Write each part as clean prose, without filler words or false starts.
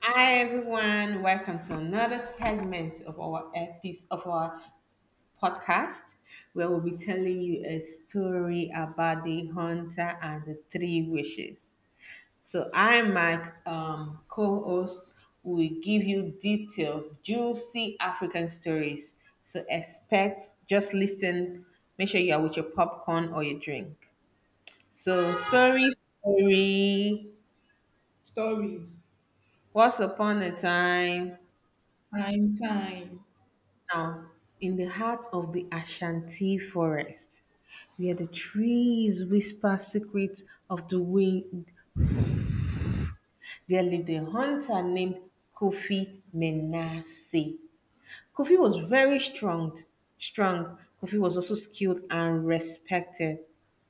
Hi everyone, welcome to another segment of our episode of our podcast where we'll be telling you a story about the hunter and the three wishes. So I'm my co-host who will give you details, juicy African stories. So expect just listen, make sure you are with your popcorn or your drink. So story story Story. once upon a time Time, time. now in the heart of the Ashanti forest, where the trees whisper secrets of the wind, there lived a hunter named Kofi Menase. Kofi was very strong, strong. Kofi was also skilled and respected.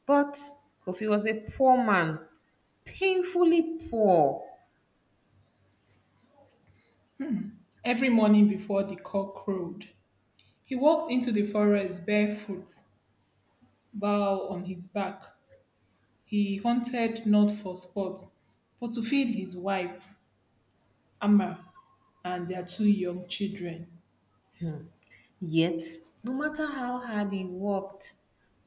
But Kofi was a poor man, painfully poor. Every morning before the cock crowed, he walked into the forest barefoot, bow on his back. He hunted not for sport, but to feed his wife, Amma, and their two young children. Yet, no matter how hard he worked,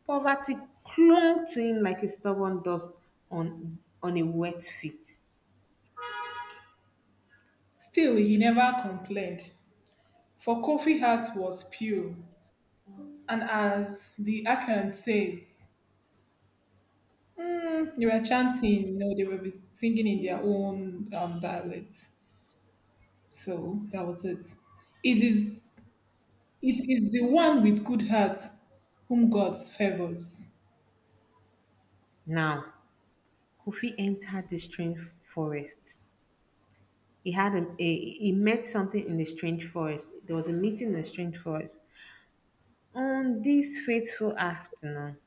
poverty clung to him like a stubborn dust on a wet feet. Still, he never complained, for Kofi heart was pure. And as the Akan says, "Mm, they were chanting, no, they were singing in their own dialect. So that was it. It is it is the one with good heart whom God favors. Now, Kofi entered the strange forest. He had a he met something in the strange forest. There was a meeting in the strange forest. On this fateful afternoon,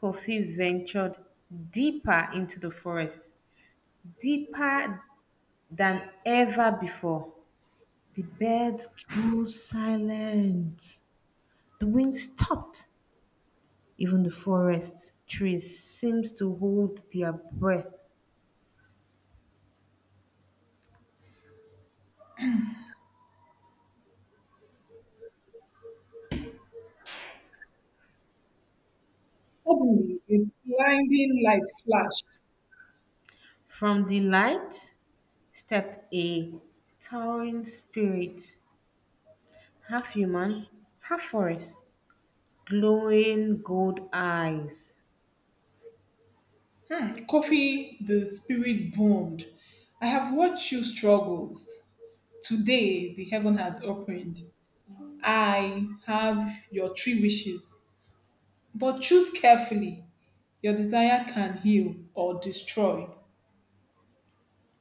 Kofi ventured deeper into the forest, deeper than ever before. The birds grew silent. The wind stopped. Even the forest trees seemed to hold their breath. Suddenly a blinding light flashed. From the light stepped a towering spirit, half human, half forest, glowing gold eyes. Coffee, the spirit boomed. I have watched you struggles. Today the heaven has opened. I have your three wishes. But choose carefully. Your desire can heal or destroy.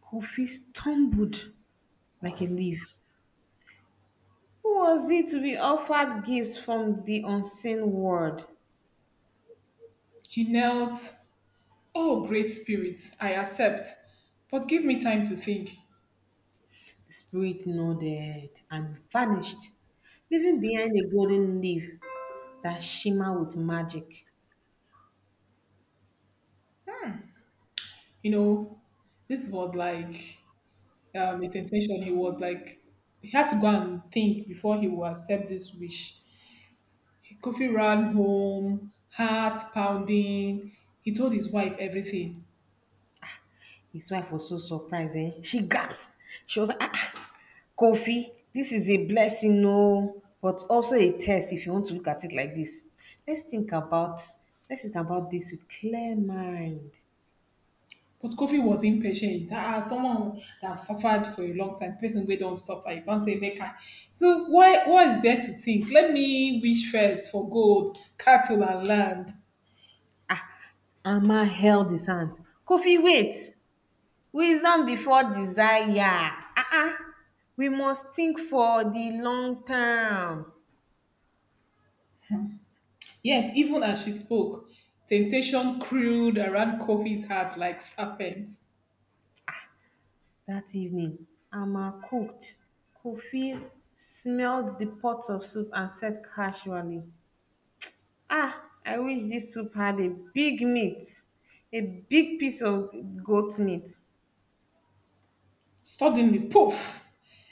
Kofi stumbled like a leaf. Who was he to be offered gifts from the unseen world? He knelt. Oh, great spirit, I accept. But give me time to think. The spirit nodded and vanished, leaving behind a golden leaf that shimmered with magic. You know, this was like his intention. He was like, he has to go and think before he will accept this wish. Kofi ran home, heart pounding. He told his wife everything. His wife was so surprised. Eh? She gasped. She was like, ah, ah, Kofi, this is a blessing, no, but also a test if you want to look at it like this. Let's think about let's think about this with clear mind. But Kofi was impatient. Ah, someone that have suffered for a long time, person we don't suffer, you can't say make her. So why, what is there to think? Let me wish first for gold, cattle, and land. Amma held his hand. Kofi, wait. Wisdom before desire. Uh-uh. We must think for the long term. Yet, even as she spoke, temptation curled around Kofi's heart like serpents. That evening Amma cooked. Kofi smelled the pot of soup and said casually, ah, I wish dis soup had a big meat, a big piece of goat meat. Suddenly, poof!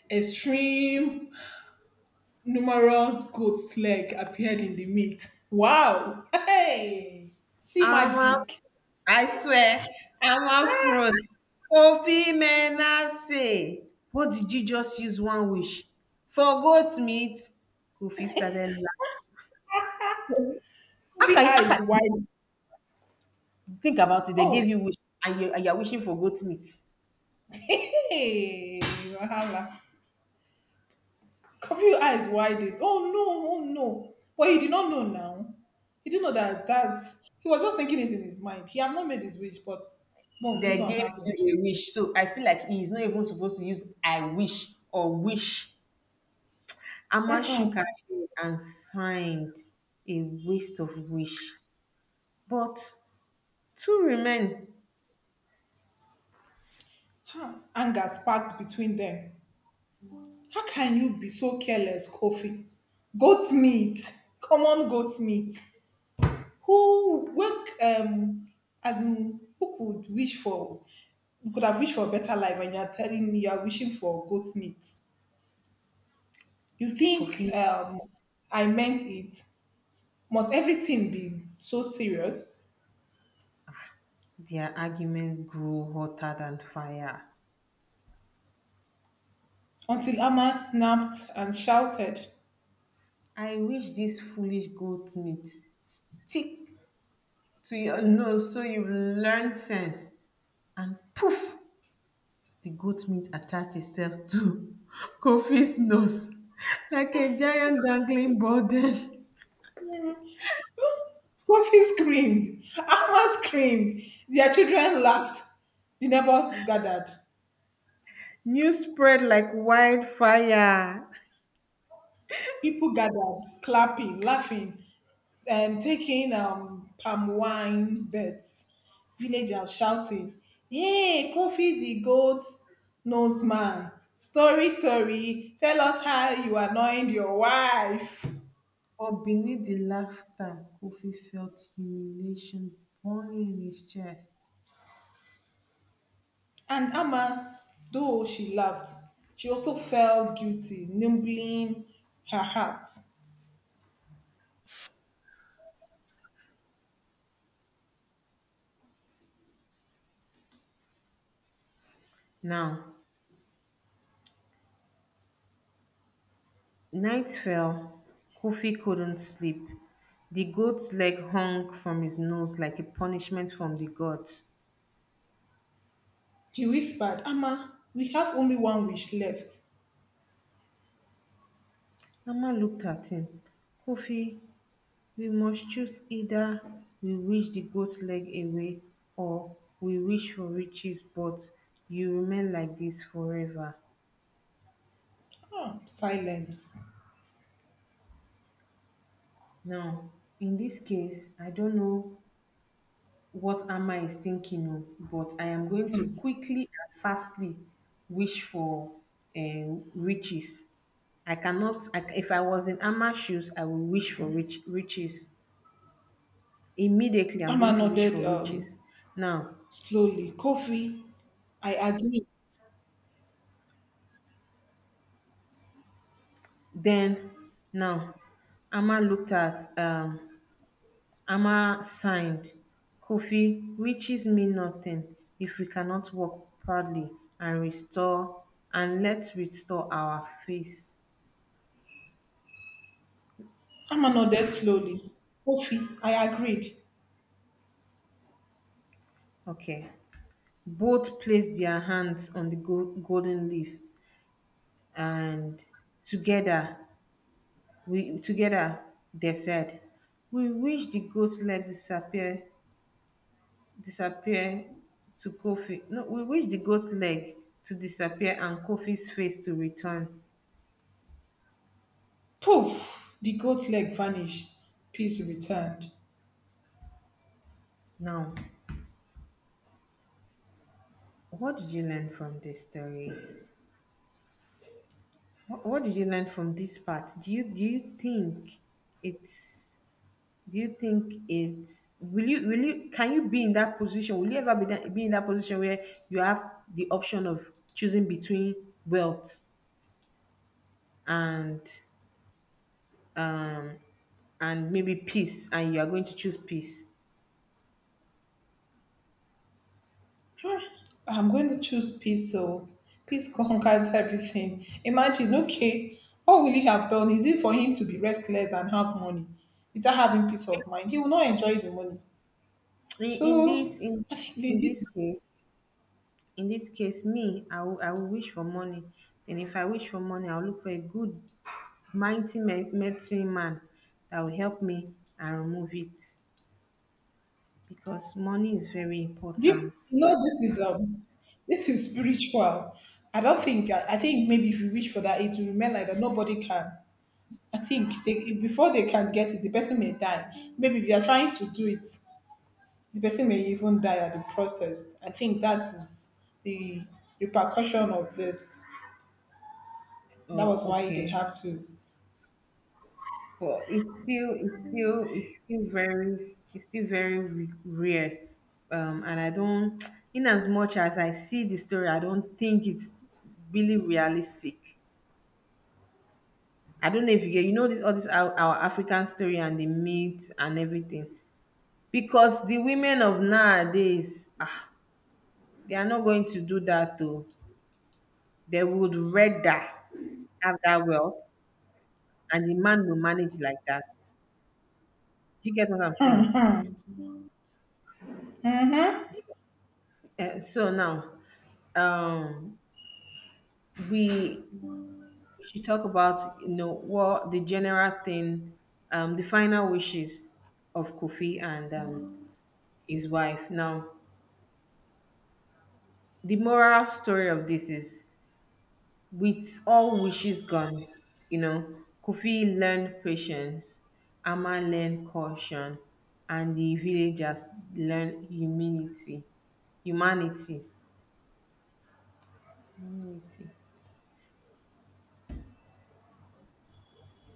A stream, numerous goat's leg appeared in the meat. Wow! Hey! See Amma, magic. I swear, Amma froze. Kofi Menase, what did you just use one wish for goat meat? Kofi started laugh. how Kofi can you how can eyes wide. you think about it, they gave Oh, you wish, and you're wishing for goat meat? hey! Wahala. Coffee eyes widened. Oh no, oh no. But he did not know now. He didn't know that that's he was just thinking it in his mind. He had not made his wish, but boom, this They one gave happened. you a wish. So I feel like he's not even supposed to use I wish or wish. Amma shook her head and signed, a waste of wish. But two remain. Huh. Anger sparked between them. How can you be so careless, Kofi? Goat meat. Come on, goat meat. Who work as in who could wish for, you could have wished for a better life and you're telling me you're wishing for goat meat. You think Kofi, I meant it? Must everything be so serious? their argument grew hotter than fire. Until Amma snapped and shouted. I wish this foolish goat meat stick to your nose so you learn sense. And poof, the goat meat attached itself to Kofi's nose like a giant dangling burden. "Hmm, Coffee screamed. Amma screamed. Their children laughed. The neighbors gathered. News spread like wildfire. People gathered, clapping, laughing, and taking palm wine bets. Villagers shouting, Yay, Kofi the goat's nose man. Story, story, tell us how you annoyed your wife. But beneath the laughter, Kofi felt humiliation burning in his chest. And Amma, though she laughed, she also felt guilty, nimbling her heart. Now, night fell. Kofi couldn't sleep. The goat's leg hung from his nose like a punishment from the gods. He whispered, Amma, we have only one wish left. Mama looked at him. Kofi, we must choose, either we wish the goat leg away or we wish for riches but you remain like this forever. Ah, silence. Now in this case I don't know what Amma is thinking of, but I am going to Hmm. quickly and fastly wish for riches. I cannot, I, if I was in Amma shoes, I would wish for rich, riches. Immediately, I'm Amma going to wish nodded for riches. Now, slowly. Kofi, I agree. then now, Amma looked at Amma signed, Kofi, riches mean nothing if we cannot walk proudly and restore and let's restore our face. Amma nodded slowly. Kofi, I agreed. Okay. Both placed their hands on the go- golden leaf and together we together they said, we wish the goat's leg disappear disappear to Kofi. No, we wish the goat's leg to disappear and Kofi's face to return. Poof! The goat leg vanished. Peace returned. Now, what did you learn from this story? What did you learn from this part? Do you think it's do you think it's will you can you be in that position? Will you ever be that, be in that position where you have the option of choosing between wealth and um and maybe peace and you are going to choose peace? Huh, I'm going to choose peace. So peace conquers everything. Imagine, okay, what will he have done? Is it for him to be restless and have money without having peace of mind? He will not enjoy the money. in, in this So in I think they in did this case, in this case me I will wish for money, and if I wish for money I'll look for a good mighty me- medicine man that will help me and remove it because money is very this. important. This is spiritual. I don't think. I think maybe if you wish for that, it will remain like that. Nobody can. I think they, before they can get it, the person may die. Maybe if you are trying to do it, the person may even die at the process. I think that is the repercussion of this. That Oh, was why they okay. have to. But it's still very it's still very re- rare and I don't in as much as I see the story I don't think it's really realistic. I don't know if you get, you know, this all this our African story and the myths and everything. Because the women of nowadays, ah, they are not going to do that though. They would rather have that wealth, and the man will manage like that. Do you get what I'm saying? Hmm. Eh, so now, um, we should talk about you know what the general thing, the final wishes of Kofi and his wife. Now, the moral story of this is with all wishes gone, you know, Kofi learned patience, Amma learned caution, and the villagers learned humility. Humanity. Humanity.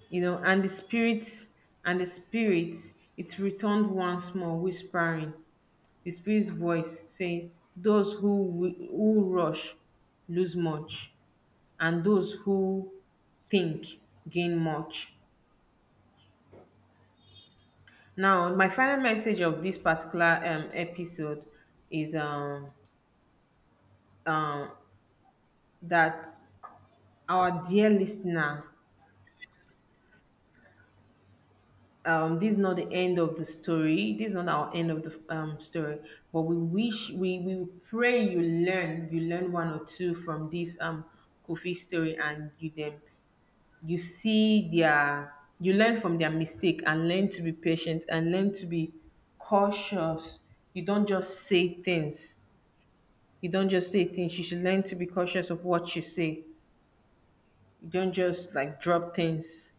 You know, and the spirits it returned once more, whispering, the spirit's voice saying, those who wi- who rush lose much, and those who think gain much. Now, my final message of this particular episode is um, that our dear listener, this is not the end of the story. This is not our end of the story, but we wish, we pray you learn one or two from this Kofi story and you then, you see their, you learn from their mistake and learn to be patient and learn to be cautious. You don't just say things you don't just say things you should learn to be cautious of what you say. You don't just like drop things.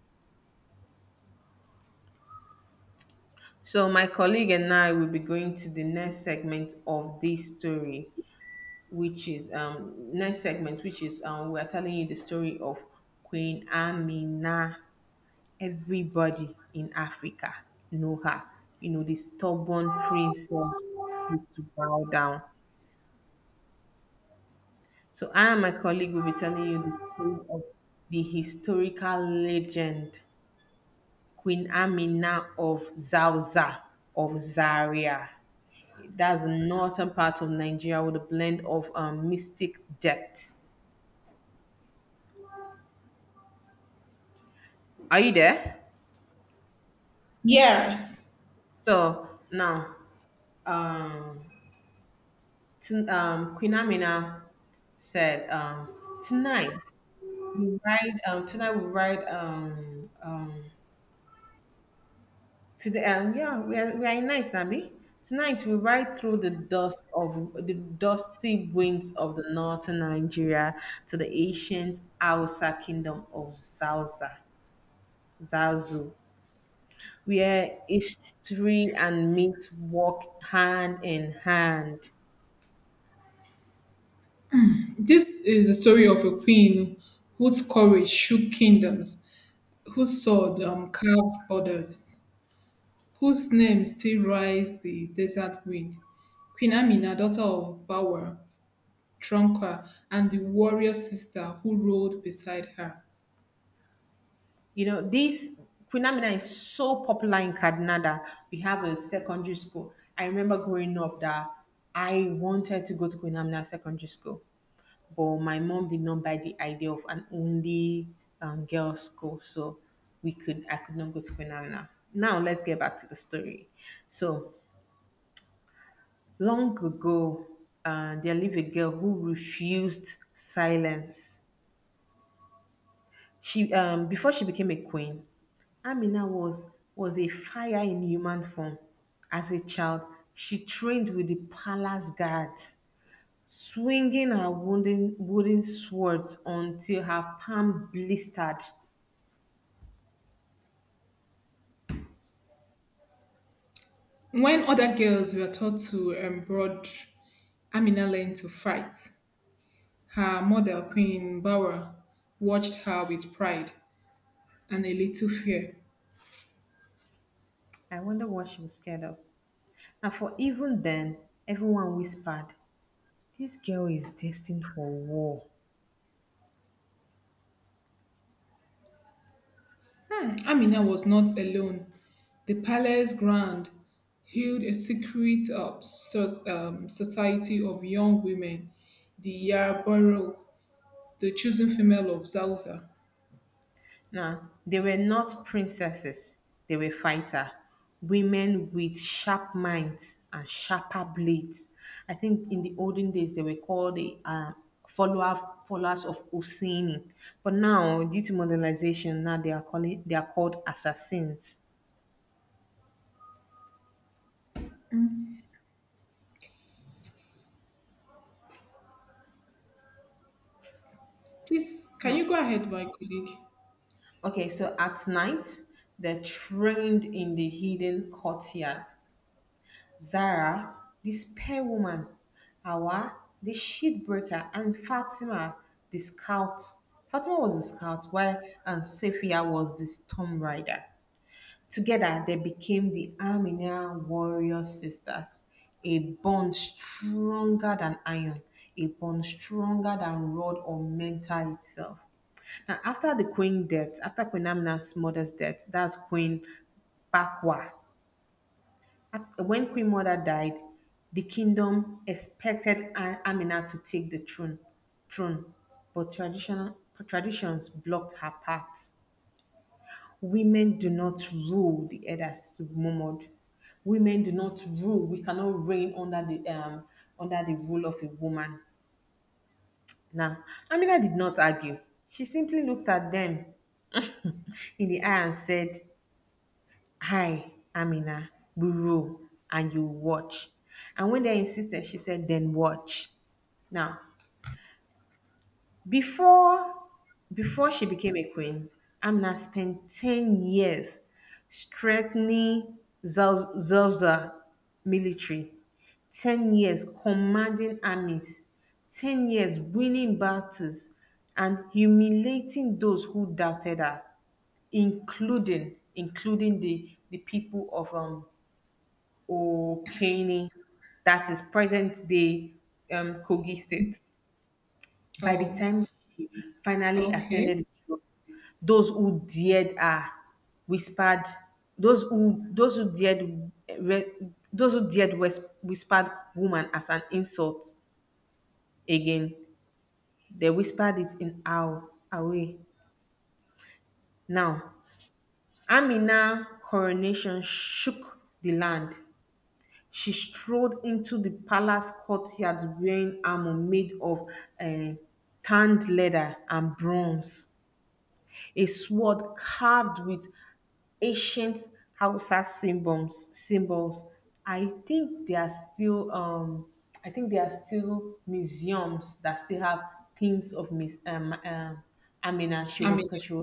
So my colleague and I will be going to the next segment of this story, which is next segment which is we are telling you the story of Queen Amina. Everybody in Africa know her. You know, the stubborn princess refused to bow down. So I and my colleague will be telling you the story of the historical legend Queen Amina of Zauzah, of Zaria. That's the northern part of Nigeria with a blend of mystic depth. Are you there? Yes. So now, um, Queen Amina said, "Tonight we ride. Tonight we ride today, yeah, we are in night, Nabi. Tonight, we ride through the dust of the dusty winds of the northern Nigeria to the ancient Hausa kingdom of Zauza, Zazu, where history and myth walk hand in hand. This is the story of a queen whose courage shook kingdoms, whose sword carved borders, whose name still rides the desert wind. Queen Amina, daughter of Bawa, Tronka, and the warrior sister who rode beside her. You know, this Queen Amina is so popular in Kaduna that we have a secondary school. I remember growing up that I wanted to go to Queen Amina Secondary School but my mom did not buy the idea of an only girls school, so we could I could not go to phenomenal. Now let's get back to the story. So long ago, there lived a girl who refused silence. She before she became a queen, Amina was a fire in human form. As a child, she trained with the palace guards, swinging her wooden swords until her palm blistered. When other girls were taught to embroider, Amina learned to fight. Her mother, Queen Bawra, watched her with pride and a little fear. I wonder what she was scared of. And for even then, everyone whispered, this girl is destined for war. Hmm, Amina was not alone. The palace ground held a secret society of young women, the Yarborough, the chosen female of Zauza. Now, they were not princesses, they were fighter. Women with sharp minds and sharper blades. I think in the olden days they were called the followers followers of Osini. But now, due to modernization, now they are calling they are called assassins. Please, can you go ahead, my colleague? Okay, so at night, they're trained in the hidden courtyard. Zara the Spear woman; Awa, the sheet breaker; and Fatima the scout. Fatima was the scout while and Safiya was the storm rider. Together they became the Armenian warrior sisters, a bond stronger than iron, a bond stronger than rod or mentor itself. Now after the queen death, after Queen Amina's mother's death, that's Queen Bakwa. After, when Queen Mother died, the kingdom expected A- Amina to take the throne, throne, but traditional, traditions blocked her path. Women do not rule, the elders murmured. Women do not rule. We cannot reign under the rule of a woman. Now, Amina did not argue. She simply looked at them in the eye and said, hi, Amina, we roll and you watch. And when they insisted, she said, then watch. Now, before before she became a queen, Amina spent 10 years strengthening Zal- Zalza military, 10 years commanding armies, 10 years winning battles, and humiliating those who doubted her, including the people of Okene, that is present day Kogi State. By the Oh, time she finally okay. ascended the throne, those who dared her whispered, those who dared re- those who dared whis- whispered woman as an insult again. They whispered it in our away. Now, Amina coronation shook the land. She strolled into the palace courtyard wearing armor made of eh, tanned leather and bronze, a sword carved with ancient Hausa symbols. I think they are still. I think there are still museums that still have things of Miss Amina. She was Amina. because she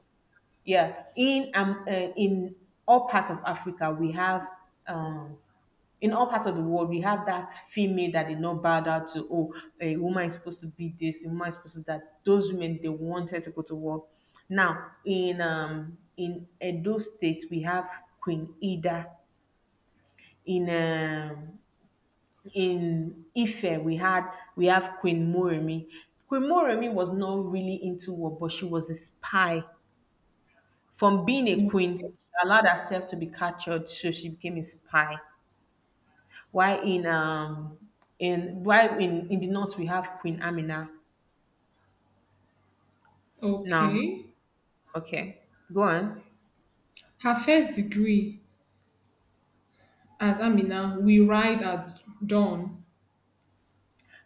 yeah, in all parts of Africa, we have um, in all parts of the world, we have that female that did not bow down to. Oh, a woman is supposed to be this, a woman is supposed to that. Those women they wanted to go to war. Now in Edo State, we have Queen Ida. In um, in Ife, we have Queen Moremi. Queen Moremi was not really into war, but she was a spy from being a Okay. queen, she allowed herself to be captured, so she became a spy. Why in why in the north we have Queen Amina. Now, Okay. okay, go on. Her first degree as Amina, we ride at dawn.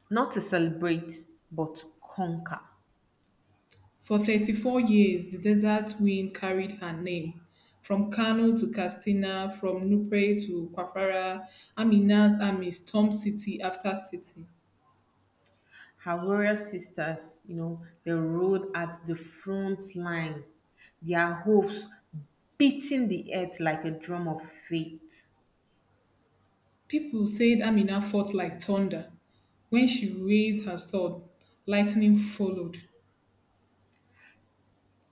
Not to celebrate, but to conquer. For 34 years the desert wind carried her name from Kano to Katsina, from Nupre to Kwara. Amina's army stormed city after city. Her warrior sisters, you know, they rode at the front line, their hooves beating the earth like a drum of fate. People said Amina fought like thunder. When she raised her sword, lightning followed.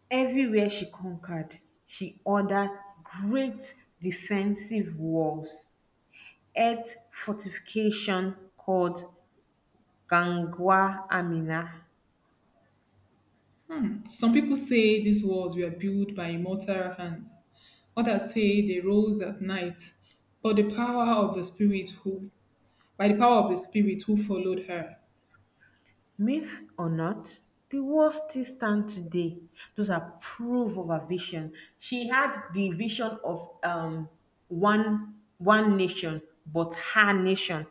Everywhere she conquered, she ordered great defensive walls earth fortification called Gangwa Amina. Some people say these walls were built by immortal hands. Others say they rose at night, but the power of the Spirit who, by the power of the spirit who followed her. Myth or not, the walls still stand today. Those are proof of her vision. She had the vision of one nation, but her nation.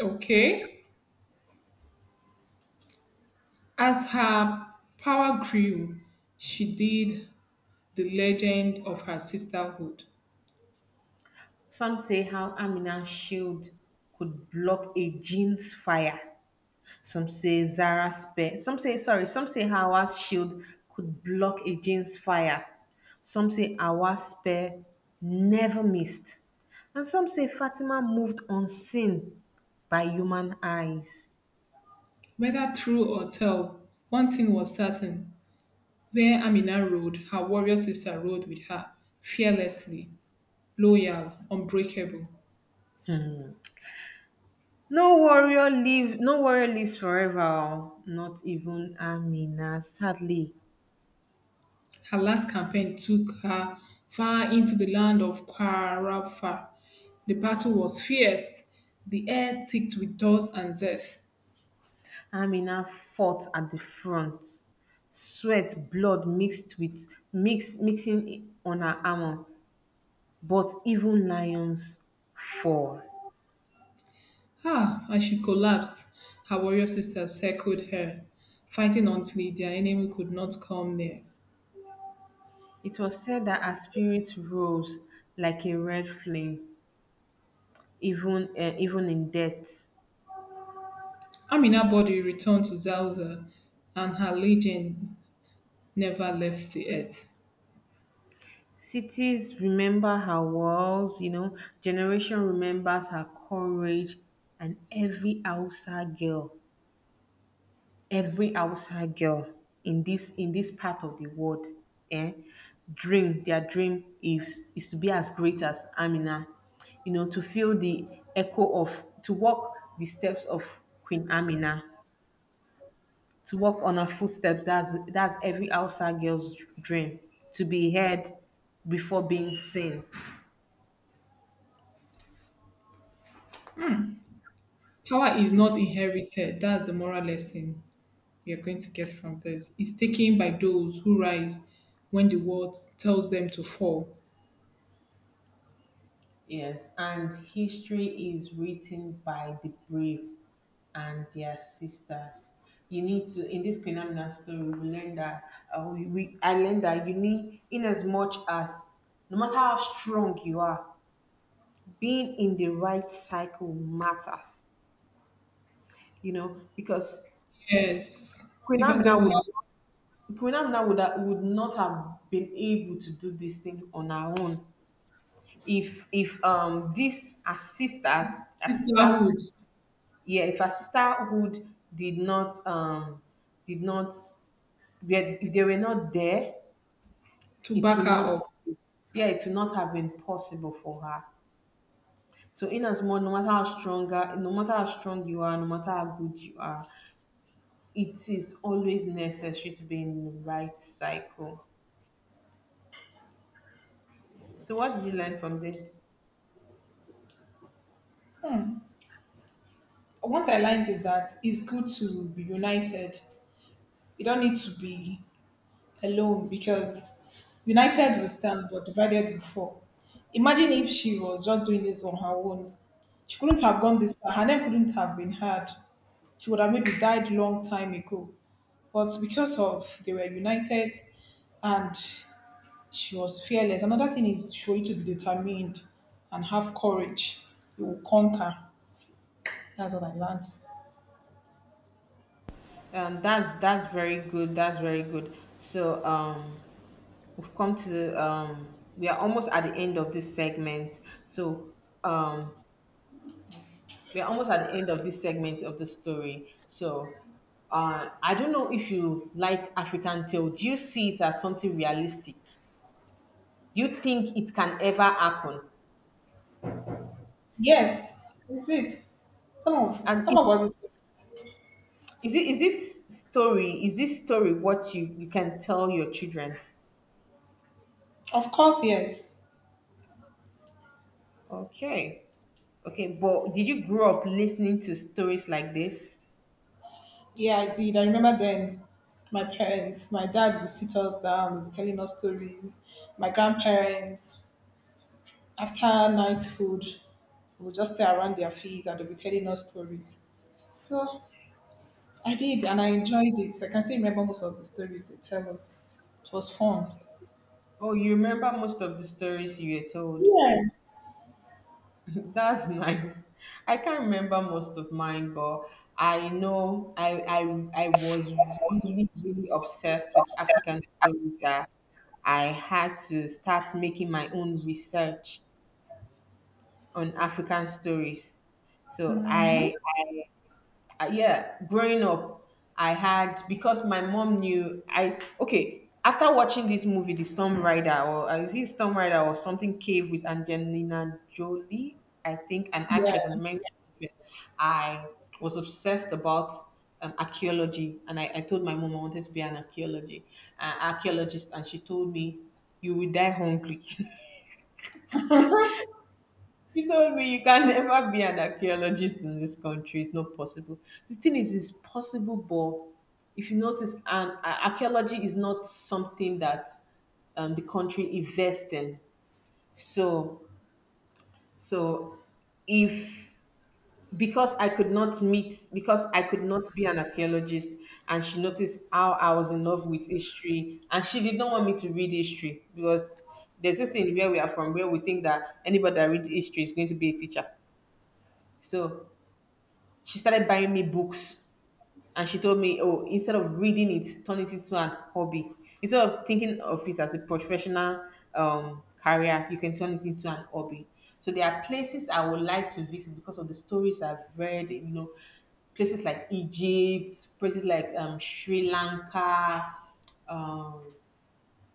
Okay. As her power grew, she did the legend of her sisterhood. Some say how Amina's shield could block a gene's fire. Some say Zara spare. Some say sorry. Some say Hawa's shield could block a Jane's fire. Some say Hawa's spare never missed, and some say Fatima moved unseen by human eyes. Whether true or tell, one thing was certain. Where Amina rode, her warrior sister rode with her, fearlessly, loyal, unbreakable. No warrior lives forever. Oh, not even Amina. Sadly, Her last campaign took her far into the land of Kwarafar. The battle was fierce, the air thick with dust and death. Amina fought at the front sweat blood mixed with mixing on her armor. But even lions fall. Ah! As she collapsed, her warrior sisters circled her, fighting until their enemy could not come near. It was said that her spirit rose like a red flame, even even in death. Amina's body returned to Zalza, and her legion never left the earth. Cities remember her walls, you know. Generation remembers her courage, and every Hausa girl in this part of the world, eh, dream their dream is to be as great as Amina, you know, to feel the echo of to walk the steps of Queen Amina, to walk on her footsteps. That's every Hausa girl's dream, to be heard before being seen. Power is not inherited. That's the moral lesson we are going to get from this. It's taken by those who rise when the world tells them to fall. Yes, and history is written by the brave and their sisters. You need to in this Queen Amina story, we learn that we I learned that you need in as much as no matter how strong you are, being in the right cycle matters. You know, because Yes, Queen because they Amina will would have not- Queen Amina would not have been able to do this thing on her own if these assisters sisters. Her sisters sisterhoods yeah, if her sisterhood did not um did not were- if they were not there, to it back will her not, up. yeah, it will not have been possible for her. So in as much, no matter how strong you are, no matter how good you are, it is always necessary to be in the right cycle. So what did you learn from this? What I learned is that it's good to be united. You don't need to be alone because united we stand, but divided we fall. Imagine if she was just doing this on her own. She couldn't have gone this far. Her name couldn't have been heard. She would have maybe died long time ago. But because of they were united and she was fearless. Another thing is for you to be determined and have courage. You will conquer. That's what I learned. That's very good, that's very good. So we've come to we are almost at the end of this segment so um we're almost at the end of this segment of the story. So, I don't know if you like African tale. Do you see it as something realistic? Do you think it can ever happen? Yes, it's it. And Some is, of us. is it is this story what you can tell your children? Of course, yes. Okay, okay. But did you grow up listening to stories like this? Yeah, I did. I remember then my parents, my dad would sit us down, telling us stories. My grandparents, after night food, would just stay around their feet and they'll be telling us stories. So I did and I enjoyed it. So, I can still remember most of the stories they tell us. It was fun. Oh, you remember most of the stories you were told. Yeah. That's nice. I can't remember most of mine, but I know I was really obsessed with African stories that I had to start making my own research on African stories. So I yeah, growing up, I had because my mom knew I okay. After watching this movie, The Storm Rider, or is it Storm Rider or something Cave with Angelina Jolie, I think, an Yeah. actress, an American actress, I was obsessed about archaeology, and I told my mom I wanted to be an archaeology archaeologist, and she told me, "You will die hungry." He told me you can never be an archaeologist in this country. It's not possible. The thing is, it's possible, but if you notice, archaeology is not something that the country invests in. So, so if because I could not meet, because I could not be an archaeologist, and she noticed how I was in love with history, and she did not want me to read history because there's this thing where we are from where we think that anybody that reads history is going to be a teacher. So she started buying me books and she told me, oh, instead of reading it, turn it into an hobby, instead of thinking of it as a professional career, you can turn it into an hobby. So there are places I would like to visit because of the stories I've read, you know, places like Egypt, places like Sri Lanka, um,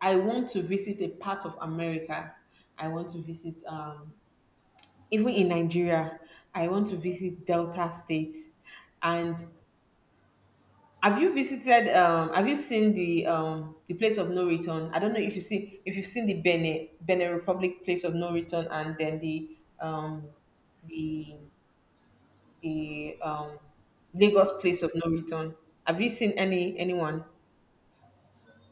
I want to visit a part of America. I want to visit, even in Nigeria, I want to visit Delta State. And have you visited? Have you seen the place of no return? I don't know if you see if you've seen the Benin Republic place of no return, and then the the the um, Lagos place of no return. Have you seen anyone?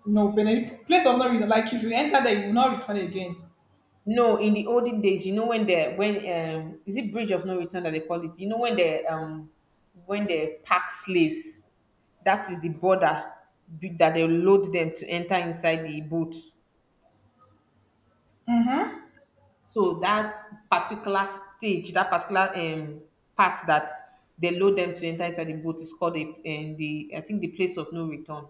No, Benedict, place of no reason. Like if you enter there, you will not return again. No, in the olden days, you know, when the when is it bridge of no return that they call it? You know when the when they pack slaves, that is the border that they load them to enter inside the boat. So that particular stage, that particular part that they load them to enter inside the boat is called a, the I think the place of no return.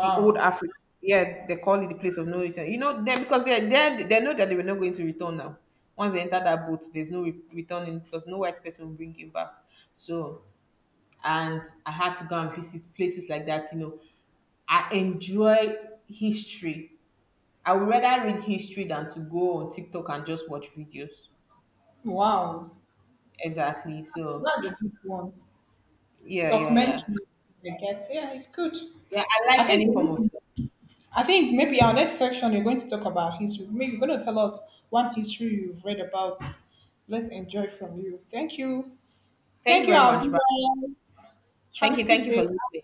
The old Africa, yeah, they call it the place of no return. You know them because they know that they were not going to return now. Once they enter that boat, there's no returning because no white person will bring you back. So, and I had to go and visit places like that. You know, I enjoy history. I would rather read history than to go on TikTok and just watch videos. Wow. Exactly. So That's a good one. yeah, yeah, yeah. Documentaries, I get. Yeah, it's good. Yeah, I I like think any form of I think maybe our next section you're going to talk about history. Maybe you're going to tell us one history you've read about. Let's enjoy from you. Thank you. thank you Thank you, very our much, but viewers. Have a good thank you day. for listening.